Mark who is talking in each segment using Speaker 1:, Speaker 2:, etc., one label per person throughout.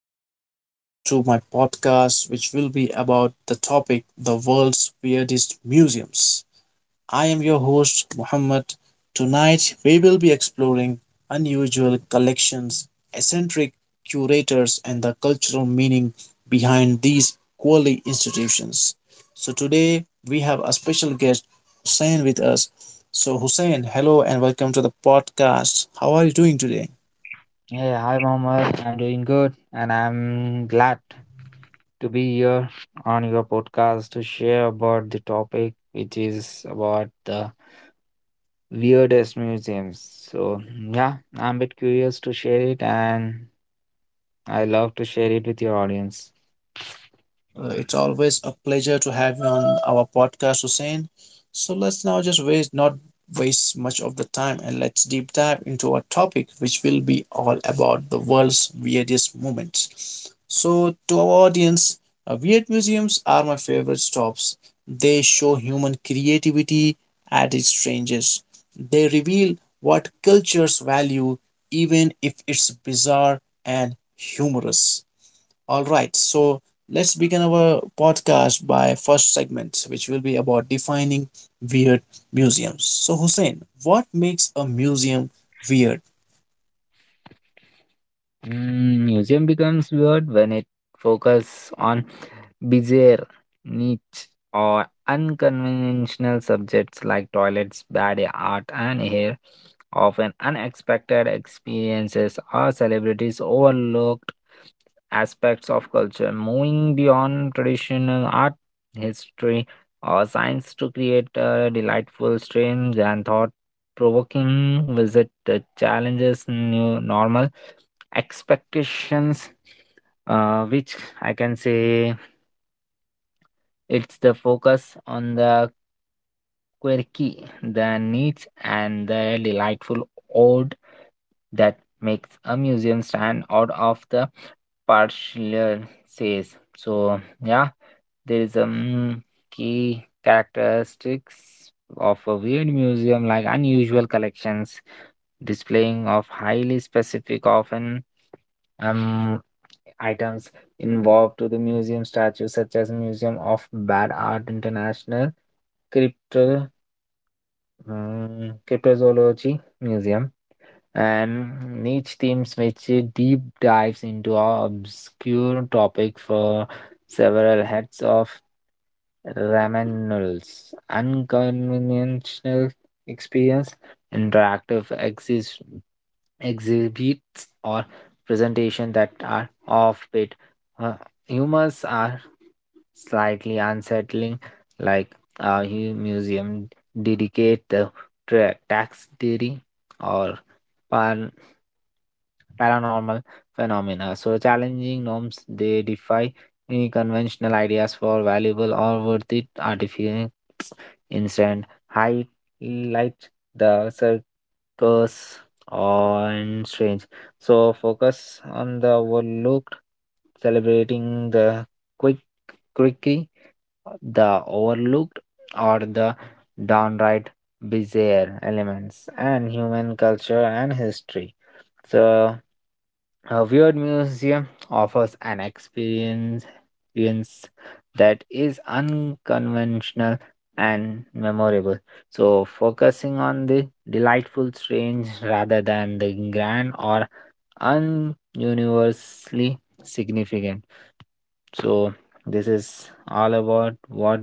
Speaker 1: and welcome to my podcast, which will be about the topic the world's weirdest museums. I am your host, Muhammad. Tonight, we will be exploring unusual collections, eccentric curators, and the cultural meaning behind these quality institutions. So, today we have a special guest, Hussein, with us. So, Hussein, hello and welcome to the podcast. How are you doing today?
Speaker 2: Hey, hi Mohammed. I'm doing good and I'm glad to be here on your podcast to share about the topic which is about the weirdest museums. So, yeah, I'm a bit curious to share it and I love to share it with your audience.
Speaker 1: It's always a pleasure to have you on our podcast, Hussein. So let's now just waste not waste much of the time and let's deep dive into our topic, which will be all about the world's weirdest moments. So to our audience, weird museums are my favorite stops. They show human creativity at its strangest. They reveal what cultures value, even if it's bizarre and humorous. All right, so let's begin our podcast by first segment, which will be about defining weird museums. So, Hussein, what makes a museum weird?
Speaker 2: Museum becomes weird when it focuses on bizarre, niche, or unconventional subjects like toilets, bad art, and hair, often unexpected experiences, or celebrities overlooked aspects of culture, moving beyond traditional art, history, or science to create a delightful, strange, and thought provoking visit that challenges new normal expectations, which I can say it's the focus on the quirky, the niche, and the delightful odd that makes a museum stand out of the partial says. So yeah, there is a key characteristics of a weird museum like unusual collections, displaying of highly specific often um items involved to the museum statues such as Museum of Bad Art International, Crypto cryptozoology museum and niche teams which deep dives into a obscure topic for several heads of Ramanul's unconventional experience, interactive exhibits or presentation that are off-bit. Uh, humans are slightly unsettling, like a museum dedicate the tax theory or par- paranormal phenomena. So challenging norms they defy any conventional ideas for valuable or worthy artifacts. Instead, highlight the circus and strange. So focus on the overlooked, celebrating the quick quirky, the overlooked, or the downright bizarre elements and human culture and history. So, a weird museum offers an experience that is unconventional and memorable. So, focusing on the delightful strange rather than the grand or ununiversally significant. So, this is all about what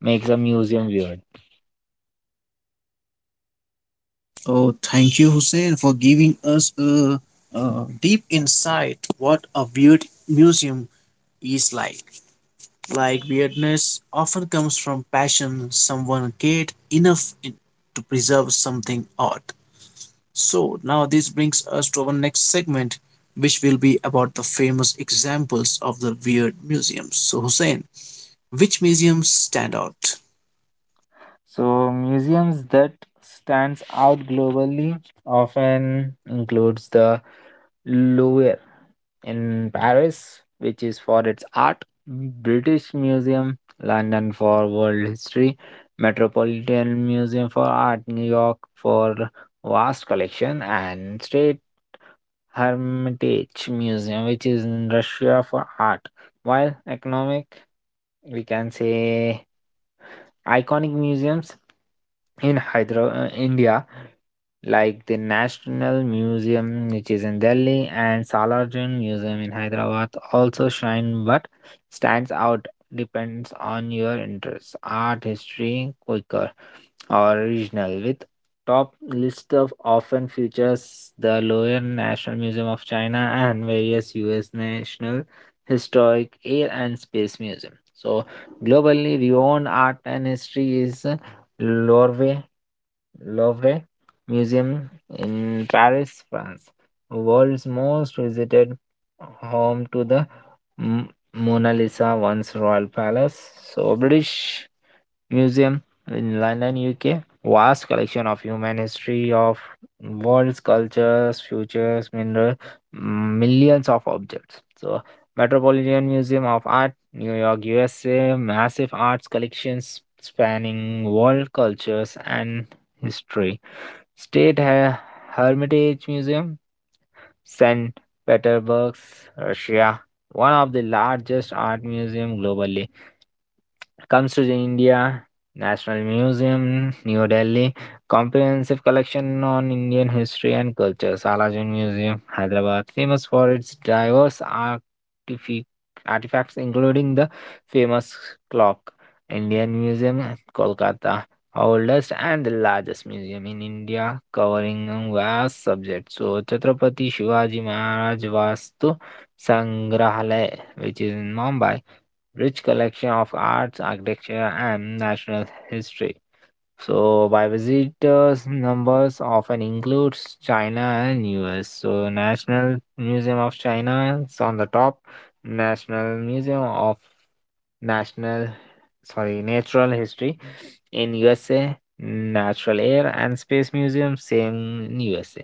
Speaker 2: makes a museum weird.
Speaker 1: Oh, thank you, Hussein, for giving us a deep insight what a weird museum is like. Like weirdness often comes from passion someone cared enough in, to preserve something odd. So now this brings us to our next segment, which will be about the famous examples of the weird museums. So Hussein, which museums stand out?
Speaker 2: So museums that stands out globally often includes the Louvre in Paris, which is for its art, British Museum, London for world history, Metropolitan Museum for art, New York for vast collection, and State Hermitage Museum, which is in Russia for art. While economic, we can say iconic museums in Hyderabad, India, like the National Museum, which is in Delhi, and Salarjung Museum in Hyderabad, also shine but stands out depends on your interests, art, history, quicker original with top list of often features the Lower National Museum of China and various US National Historic Air and Space Museum. So globally renowned art and history is Louvre Louvre Museum in Paris, France, world's most visited home to the M- Mona Lisa once royal palace. So British Museum in London, UK. Vast collection of human history of world's cultures, futures, mineral, millions of objects. So, Metropolitan Museum of Art, New York, USA. Massive arts collections spanning world cultures and history. State Her- Hermitage Museum, St. Petersburg, Russia. One of the largest art museum globally comes to the India National Museum, New Delhi, comprehensive collection on Indian history and culture, Salajan Museum, Hyderabad, famous for its diverse artifacts, including the famous clock, Indian Museum, Kolkata, oldest and the largest museum in India, covering a vast subjects. So, Chhatrapati Shivaji Maharaj Vastu Sangrahalaya, which is in Mumbai rich collection of arts, architecture, and national history. So, by visitors, numbers often includes China and US. So, National Museum of China is on the top, National Museum of National, sorry, Natural History in USA, Natural Air and Space Museum, same in USA.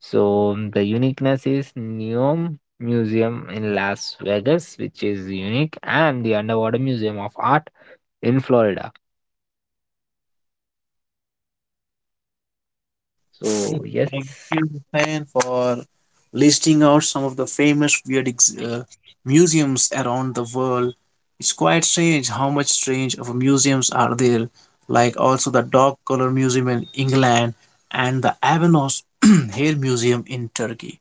Speaker 2: So the uniqueness is NEOM Museum in Las Vegas, which is unique, and the Underwater Museum of Art in Florida. So yes.
Speaker 1: Thank you, Hussein, for listing out some of the famous weird museums around the world. It's quite strange how much strange of museums are there, like also the Dog Collar Museum in England and the Avanos Hair Museum in Turkey.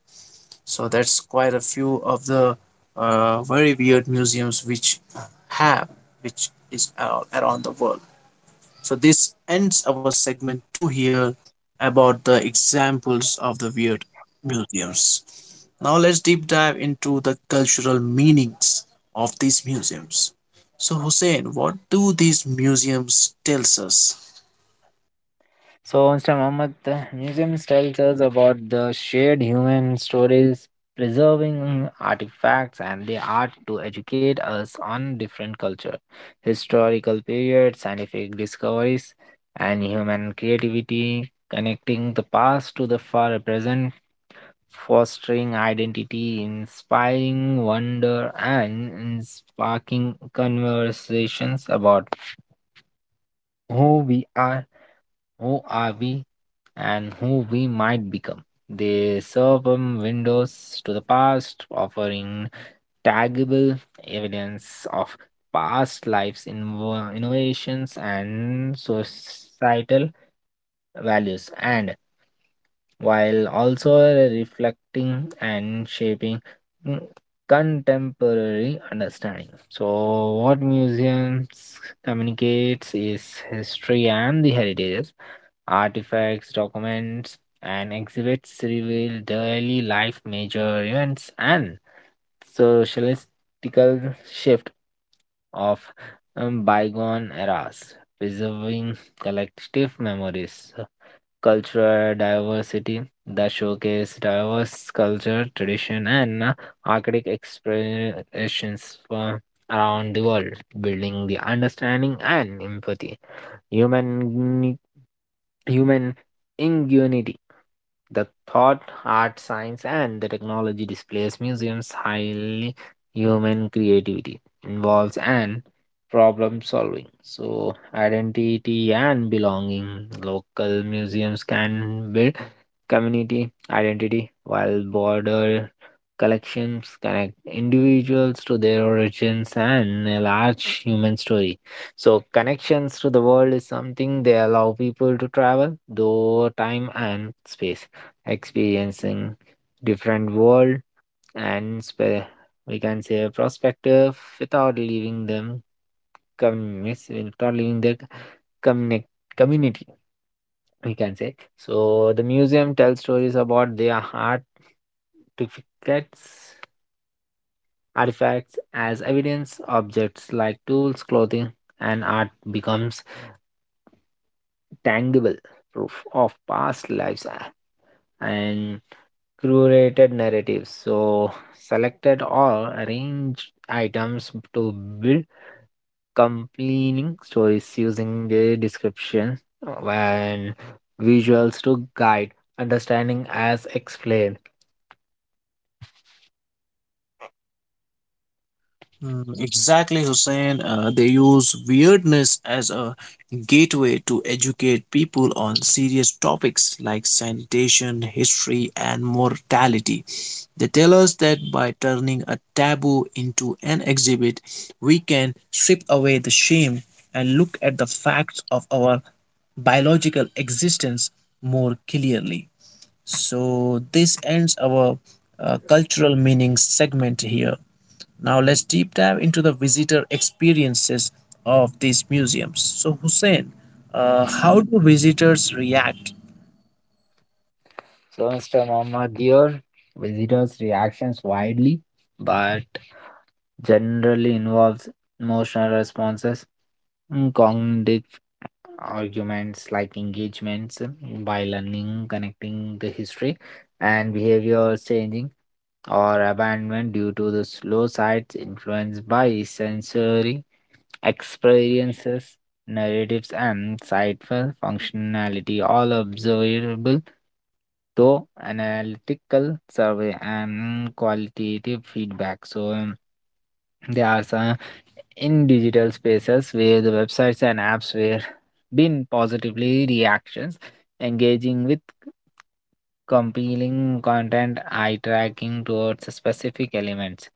Speaker 1: So that's quite a few of the very weird museums which have, which is around the world. So this ends our segment two here about the examples of the weird museums. Now let's deep dive into the cultural meanings of these museums. So Hussein, what do these museums tells us?
Speaker 2: So, Mr. Mohammed, the museums tells us about the shared human stories, preserving artifacts and the art to educate us on different culture, historical periods, scientific discoveries, and human creativity, connecting the past to the far present, fostering identity, inspiring wonder, and sparking conversations about who we are, who are we, and who we might become. They serve windows to the past, offering tangible evidence of past lives, innovations, and societal values, and while also reflecting and shaping mm, contemporary understanding. So, what museums communicates is history and the heritage artifacts, documents, and exhibits reveal daily life major events and socialistical shift of bygone eras, preserving collective memories. Cultural diversity, the showcase diverse culture, tradition, and artistic expressions from around the world, building the understanding and empathy. Human, human ingenuity the thought, art, science, and the technology displays museums' highly human creativity involves and problem solving. So, identity and belonging. Local museums can build community identity while border collections connect individuals to their origins and a large human story. So, connections to the world is something they allow people to travel, though time and space experiencing different world and we can say perspective without leaving them without leaving their communi- community we can say so the museum tells stories about their artifacts as evidence objects like tools clothing and art becomes tangible proof of past lives, and curated narratives. So, selected or arranged items to build compelling stories using the description and visuals to guide understanding as explained.
Speaker 1: Mm, exactly, Hussein. They use weirdness as a gateway to educate people on serious topics like sanitation, history, and mortality. They tell us that by turning a taboo into an exhibit, we can strip away the shame and look at the facts of our biological existence more clearly. So, this ends our cultural meanings segment here. Now let's deep dive into the visitor experiences of these museums. So Hussein, how do visitors react?
Speaker 2: So, Mr. Muhammad, your visitors' reactions widely, but generally involves emotional responses, cognitive arguments like engagements by learning, connecting the history and behavior changing or abandonment due to the slow sites influenced by sensory experiences, narratives, and site functionality, all observable to analytical survey and qualitative feedback. So, there are some in digital spaces where the websites and apps were been positively reactions engaging with compelling content eye tracking towards specific elements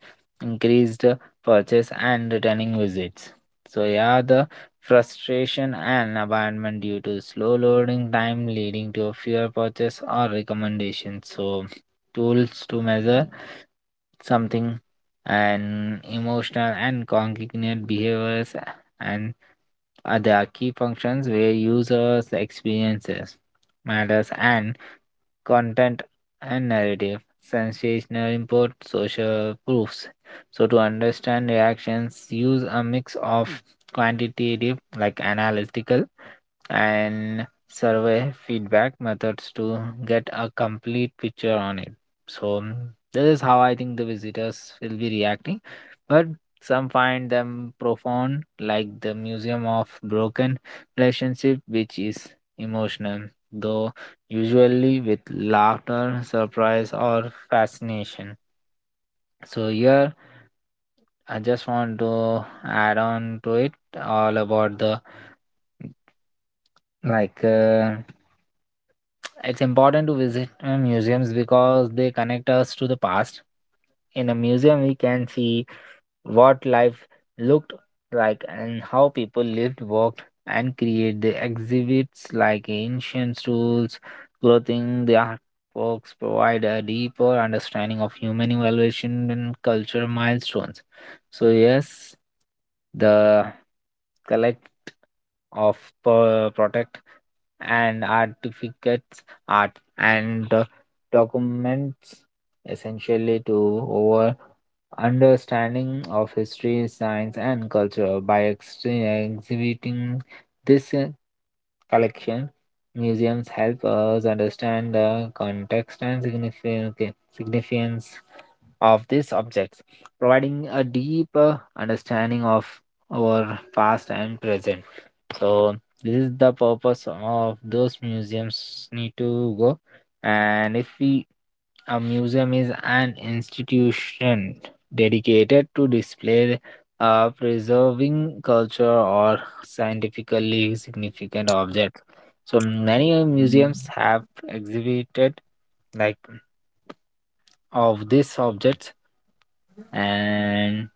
Speaker 2: increased purchase and returning visits so yeah the frustration and abandonment due to slow loading time leading to fewer purchase or recommendations so tools to measure something and emotional and cognitive behaviors and other key functions where users experiences matters and content and narrative sensational input social proofs so to understand reactions use a mix of quantitative like analytical and survey feedback methods to get a complete picture on it. So this is how I think the visitors will be reacting. But some find them profound, like the Museum of Broken Relationship, which is emotional, though usually with laughter, surprise, or fascination. So here I just want to add on to it all about the like it's important to visit museums because they connect us to the past. In a museum, we can see what life looked like and how people lived, worked, and created. The exhibits like ancient tools, clothing, the artworks provide a deeper understanding of human evaluation and cultural milestones. So, yes, the collect of product and artifacts, art and documents, essentially to over understanding of history, science, and culture. By exhibiting this collection, museums help us understand the context and significance of these objects, providing a deep understanding of our past and present. So this is the purpose of those museums need to go. And if we a museum is an institution dedicated to display preserving culture or scientifically significant objects. So many museums have exhibited like of these objects and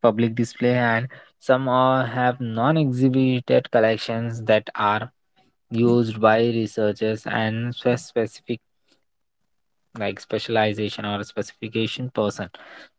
Speaker 2: public display, and some are, have non exhibited collections that are used by researchers and specific like specialization or specification person.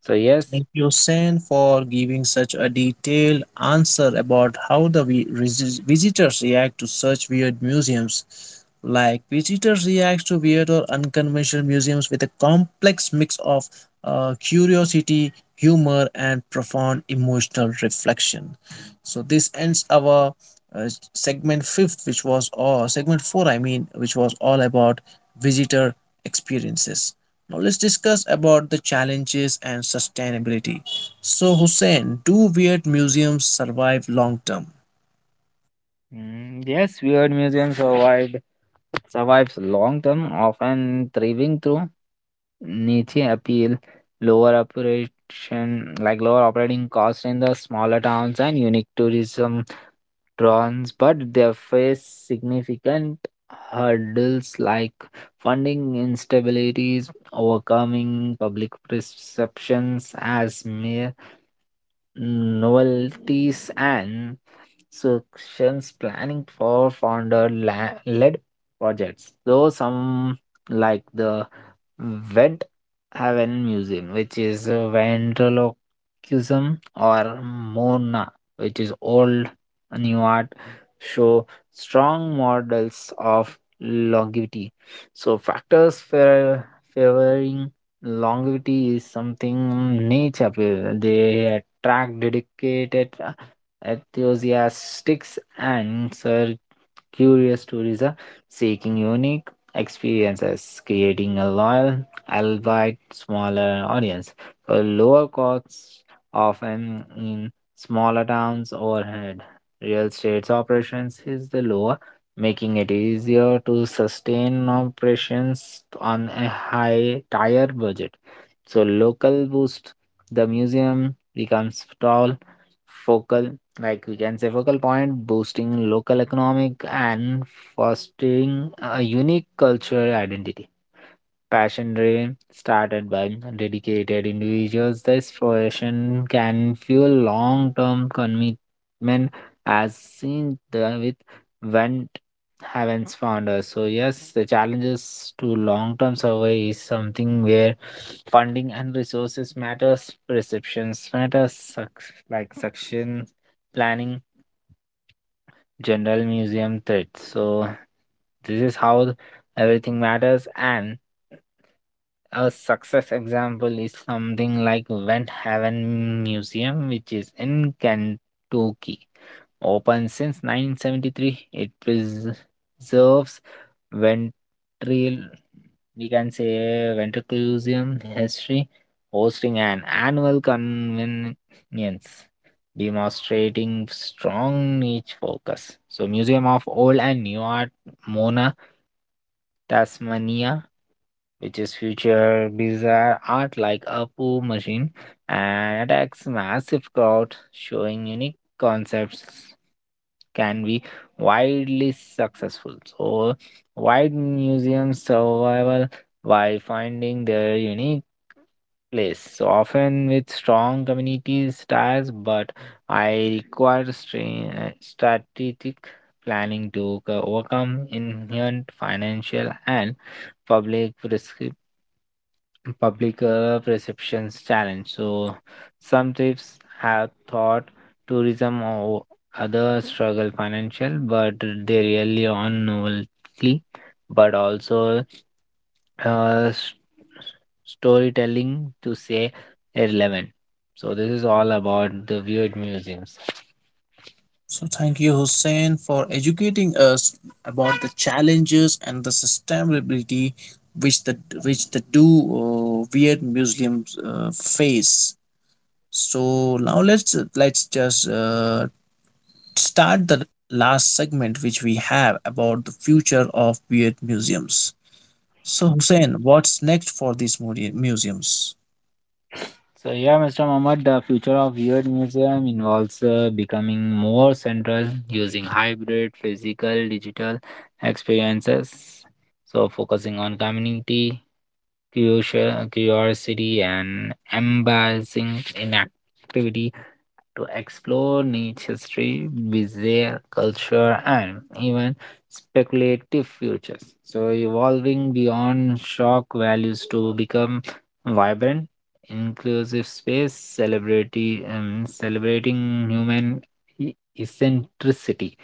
Speaker 2: So yes.
Speaker 1: Thank you, Sen, for giving such a detailed answer about how the visitors react to such weird museums. Like visitors react to weird or unconventional museums with a complex mix of curiosity, humor, and profound emotional reflection. So this ends our segment fifth, which was or segment four, I mean, which was all about visitor experiences. Now let's discuss about the challenges and sustainability. So Hussein, do weird museums survive long term?
Speaker 2: Yes, weird museums survived survives long term, often thriving through niche appeal, lower operation like lower operating costs in the smaller towns and unique tourism trons, but they face significant hurdles like funding instabilities, overcoming public perceptions as mere novelties and suctions planning for founder led projects though some like the vent haven museum which is ventriloquism or mona which is old new art show strong models of longevity so factors for favoring longevity is something nature they track dedicated enthusiasts and so curious tourists are seeking unique experiences, creating a loyal, albeit smaller audience. For lower costs, often in smaller towns overhead, real estate operations is the lower, making it easier to sustain operations on a high tier budget. So local boost the museum becomes tall focal like we can say focal point boosting local economic and fostering a unique cultural identity passion driven, started by dedicated individuals, the exploration can fuel long term commitment as seen with Vent Heaven's founder. So, yes, the challenges to long term survey is something where funding and resources matters, perceptions matters, like suction planning, general museum threats. So, this is how everything matters and a success example is something like Vent Haven Museum, which is in Kentucky. Open since 1973, it preserves ventril, we can say ventriloquism history, hosting an annual convenience, demonstrating strong niche focus. So, Museum of Old and New Art, Mona, Tasmania which is future bizarre art like Apu Machine and attacks massive crowd showing unique concepts can be widely successful. So wide museums survival by finding their unique place. So often with strong community ties, but I require strategic planning to overcome inherent financial and public risk public, perceptions challenge. So some trips have thought tourism or other struggle financial, but they really on novelty, but also uh, s- storytelling to say relevant. So this is all about the weird museums.
Speaker 1: So thank you Hussein for educating us about the challenges and the sustainability which the two weird museums face. So now let's just start the last segment which we have about the future of weird museums. So, Hussein, what's next for these museums?
Speaker 2: So, yeah, Mr. Mohammed, the future of Weird Museum involves becoming more central using hybrid physical digital experiences. So, focusing on community, curiosity and embracing inactivity to explore nature's history, bizarre culture, and even speculative futures. So, evolving beyond shock values to become vibrant, inclusive space, celebrating human eccentricity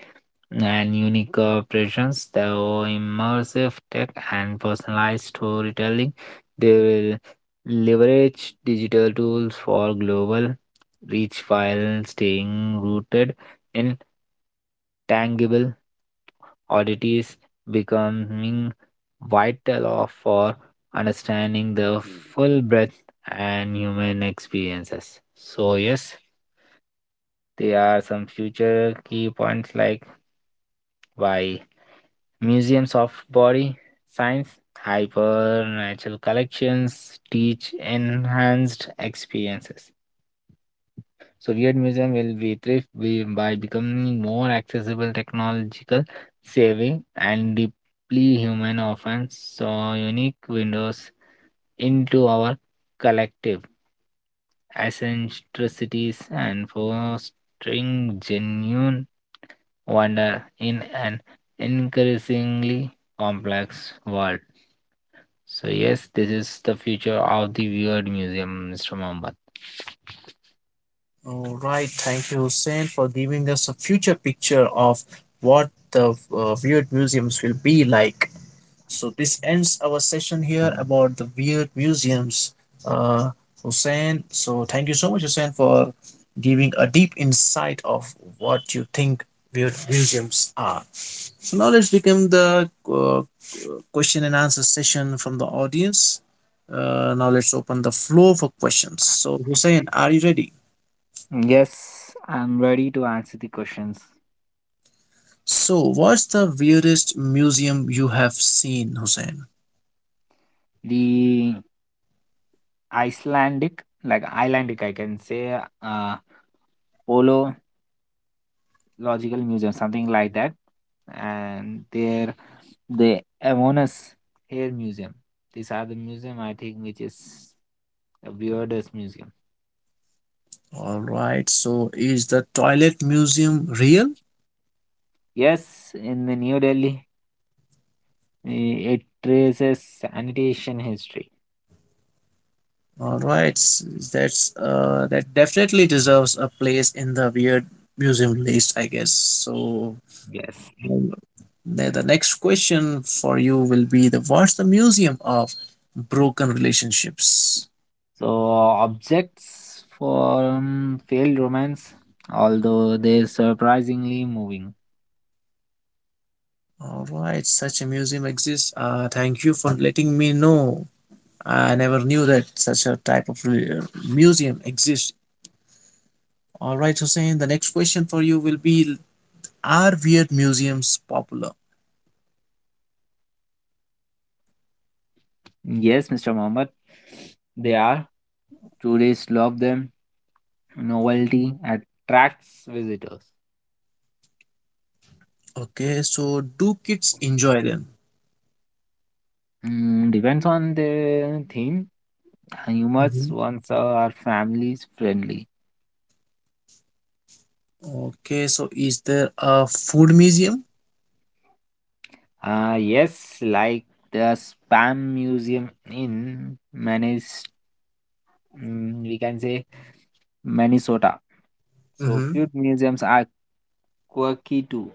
Speaker 2: and unique presence, immersive tech and personalized storytelling. They will leverage digital tools for global reach while staying rooted in tangible oddities, becoming vital for understanding the full breadth and human experiences. So yes, there are some future key points like why Museums of Body Science, Supernatural Collections teach enhanced experiences. So, weird Museum will be thrift by becoming more accessible, technological, saving, and deeply human, often so unique windows into our collective eccentricities and fostering genuine wonder in an increasingly complex world. So yes, this is the future of the Weird Museum, Mr. Mohammed.
Speaker 1: All right, thank you, Hussein, for giving us a future picture of what the weird museums will be like. So this ends our session here about the weird museums, uh, Hussein. So thank you so much, Hussein, for giving a deep insight of what you think weird museums are. So now let's begin the question and answer session from the audience. Now let's open the floor for questions. So Hussein, are you ready?
Speaker 2: Yes, I'm ready to answer the questions.
Speaker 1: So what's the weirdest museum you have seen, Hussein?
Speaker 2: The Icelandic, like Icelandic, I can say, Ological Museum, something like that, and there the Avonus Hair Museum. These are the museum I think which is the weirdest museum.
Speaker 1: All right. So is the toilet museum real?
Speaker 2: Yes, in the New Delhi, it traces sanitation history.
Speaker 1: All right. That's that definitely deserves a place in the weird museum list, I guess. So
Speaker 2: Yes.
Speaker 1: The next question for you will be the what's the museum of broken relationships?
Speaker 2: So, objects from failed romance, although they're surprisingly moving.
Speaker 1: All right, such a museum exists. Thank you for letting me know. I never knew that such a type of museum exists. All right, Hussein, the next question for you will be, are weird museums popular?
Speaker 2: Yes, Mr. Muhammad, they are. Tourists love them. Novelty attracts visitors.
Speaker 1: Okay, so do kids enjoy them?
Speaker 2: Depends on the theme. Humans
Speaker 1: Mhm.
Speaker 2: ones are families friendly.
Speaker 1: Okay, so is there a food museum?
Speaker 2: Yes, like the Spam Museum in we can say Minnesota. So
Speaker 1: Mhm.
Speaker 2: feud museums are quirky too.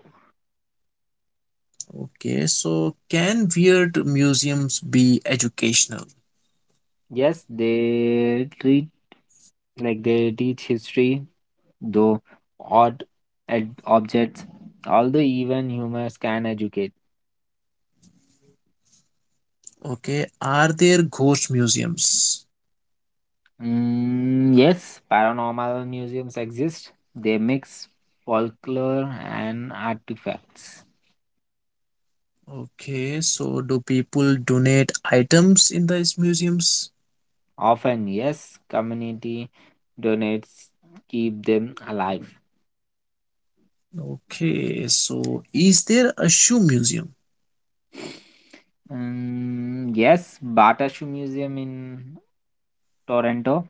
Speaker 1: Okay, so can weird museums be educational?
Speaker 2: Yes, they treat like they teach history, though odd objects, although even humans can educate.
Speaker 1: Okay, are there ghost museums?
Speaker 2: Yes, paranormal museums exist. They mix folklore and artifacts.
Speaker 1: Okay, so do people donate items in these museums?
Speaker 2: Often, yes, community donates keep them alive.
Speaker 1: Okay, so is there a shoe museum?
Speaker 2: Yes, Batashu Museum in Toronto.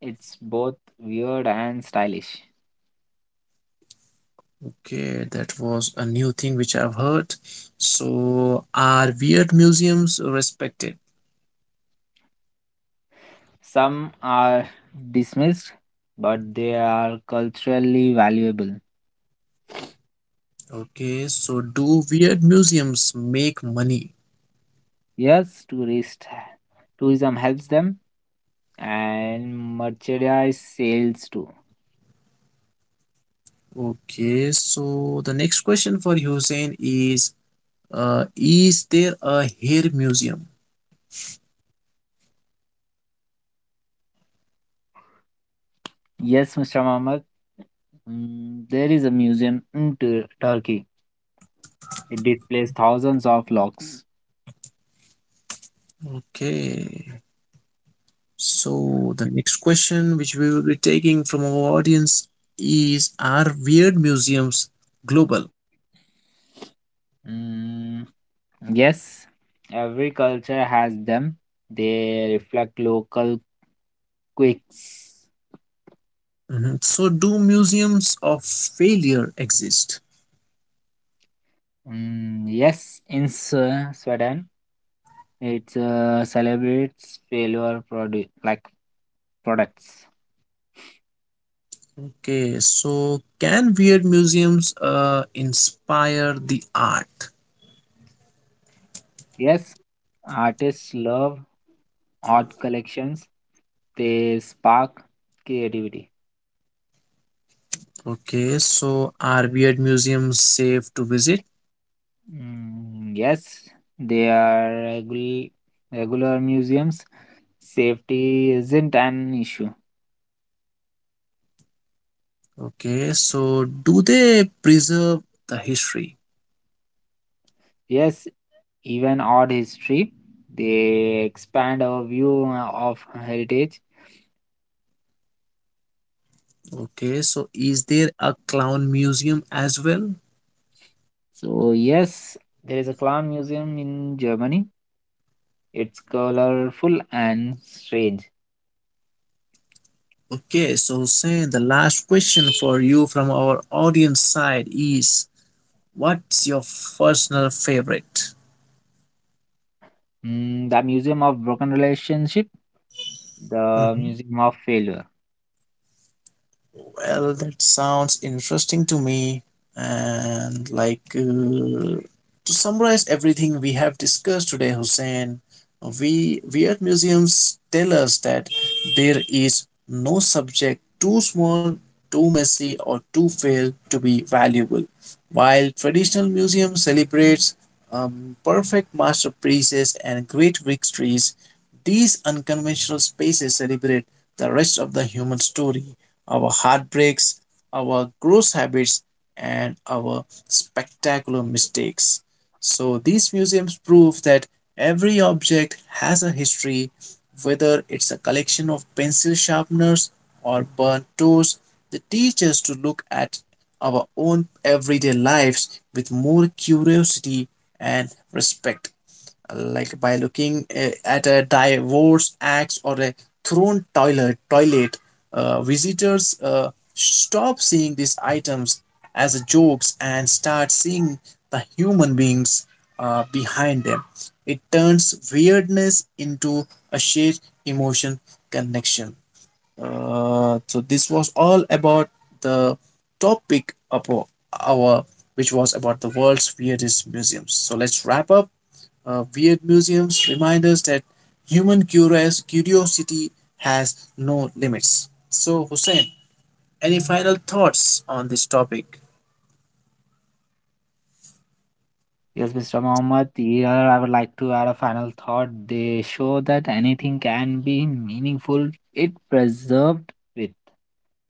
Speaker 2: It's both weird and stylish.
Speaker 1: Okay, that was a new thing which I've heard. So are weird museums respected?
Speaker 2: Some are dismissed, but they are culturally valuable.
Speaker 1: Okay, so do weird museums make money?
Speaker 2: Yes, tourist tourism helps them, and merchandise sales too.
Speaker 1: Okay, so the next question for Hussein is, is there a hair museum?
Speaker 2: Yes, Mr. Mohammed, there is a museum in Turkey. It displays thousands of locks.
Speaker 1: Okay. So the next question, which we will be taking from our audience, is: are weird museums global?
Speaker 2: Yes, every culture has them. They reflect local quirks.
Speaker 1: Mhm. So do museums of failure exist?
Speaker 2: Yes, in Sweden, it celebrates failure like products.
Speaker 1: Okay. So can weird museums inspire the art?
Speaker 2: Yes, artists love art collections. They spark creativity.
Speaker 1: Okay. So are weird museums safe to visit?
Speaker 2: Yes, they are regular museums. Safety isn't an issue.
Speaker 1: Okay. So do they preserve the history?
Speaker 2: Yes, even art history, they expand our view of heritage.
Speaker 1: Okay, so is there a clown museum as well?
Speaker 2: So, yes, there is a clown museum in Germany. It's colorful and strange.
Speaker 1: Okay, so Hussein, the last question for you from our audience side is what's your personal favorite?
Speaker 2: The Museum of Broken Relationship, the
Speaker 1: Mhm.
Speaker 2: Museum of Failure.
Speaker 1: Well, that sounds interesting to me. And like to summarize everything we have discussed today, Hussein, we weird museums tell us that there is no subject too small, too messy, or too failed to be valuable. While traditional museum celebrates perfect masterpieces and great victories, these unconventional spaces celebrate the rest of the human story, our heartbreaks, our gross habits, and our spectacular mistakes. So, these museums prove that every object has a history, whether it's a collection of pencil sharpeners or burnt toes. They teach us to look at our own everyday lives with more curiosity and respect, like by looking at a divorce axe or a thrown toilet toilet, visitors stop seeing these items as jokes and start seeing the human beings behind them. It turns weirdness into a shared emotion connection. So this was all about the topic of our, which was about the world's weirdest museums. So let's wrap up. Weird museums remind us that human curiosity has no limits. So, Hussein, any final thoughts on this topic?
Speaker 2: Yes, Mr. Mohammed, here I would like to add a final thought. They show that anything can be meaningful if preserved with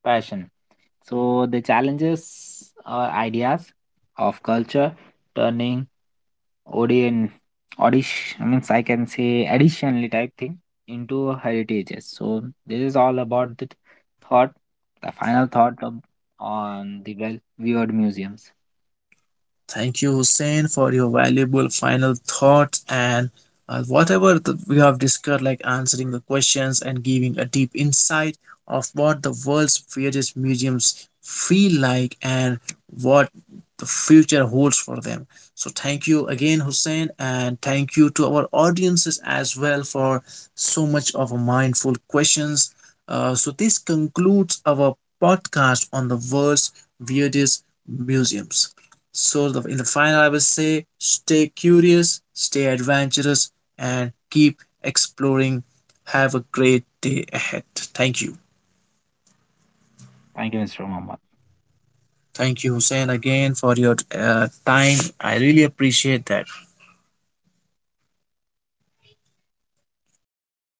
Speaker 2: passion. So the challenges are ideas of culture, turning audience, audition, I means I can say additionally type thing into heritages. So this is all about the thought, the final thought of, on the well-viewed museums.
Speaker 1: Thank you, Hussein, for your valuable final thoughts and whatever we have discussed, like answering the questions and giving a deep insight of what the world's various museums feel like and what the future holds for them. So, thank you again, Hussein, and thank you to our audiences as well for so much of a mindful questions. This concludes our podcast on the world's weirdest museums. So in the final, I will say stay curious, stay adventurous, and keep exploring. Have a great day ahead. Thank you.
Speaker 2: Thank you, Mr. Mohammed.
Speaker 1: Thank you, Hussein, again for your time. I really appreciate that.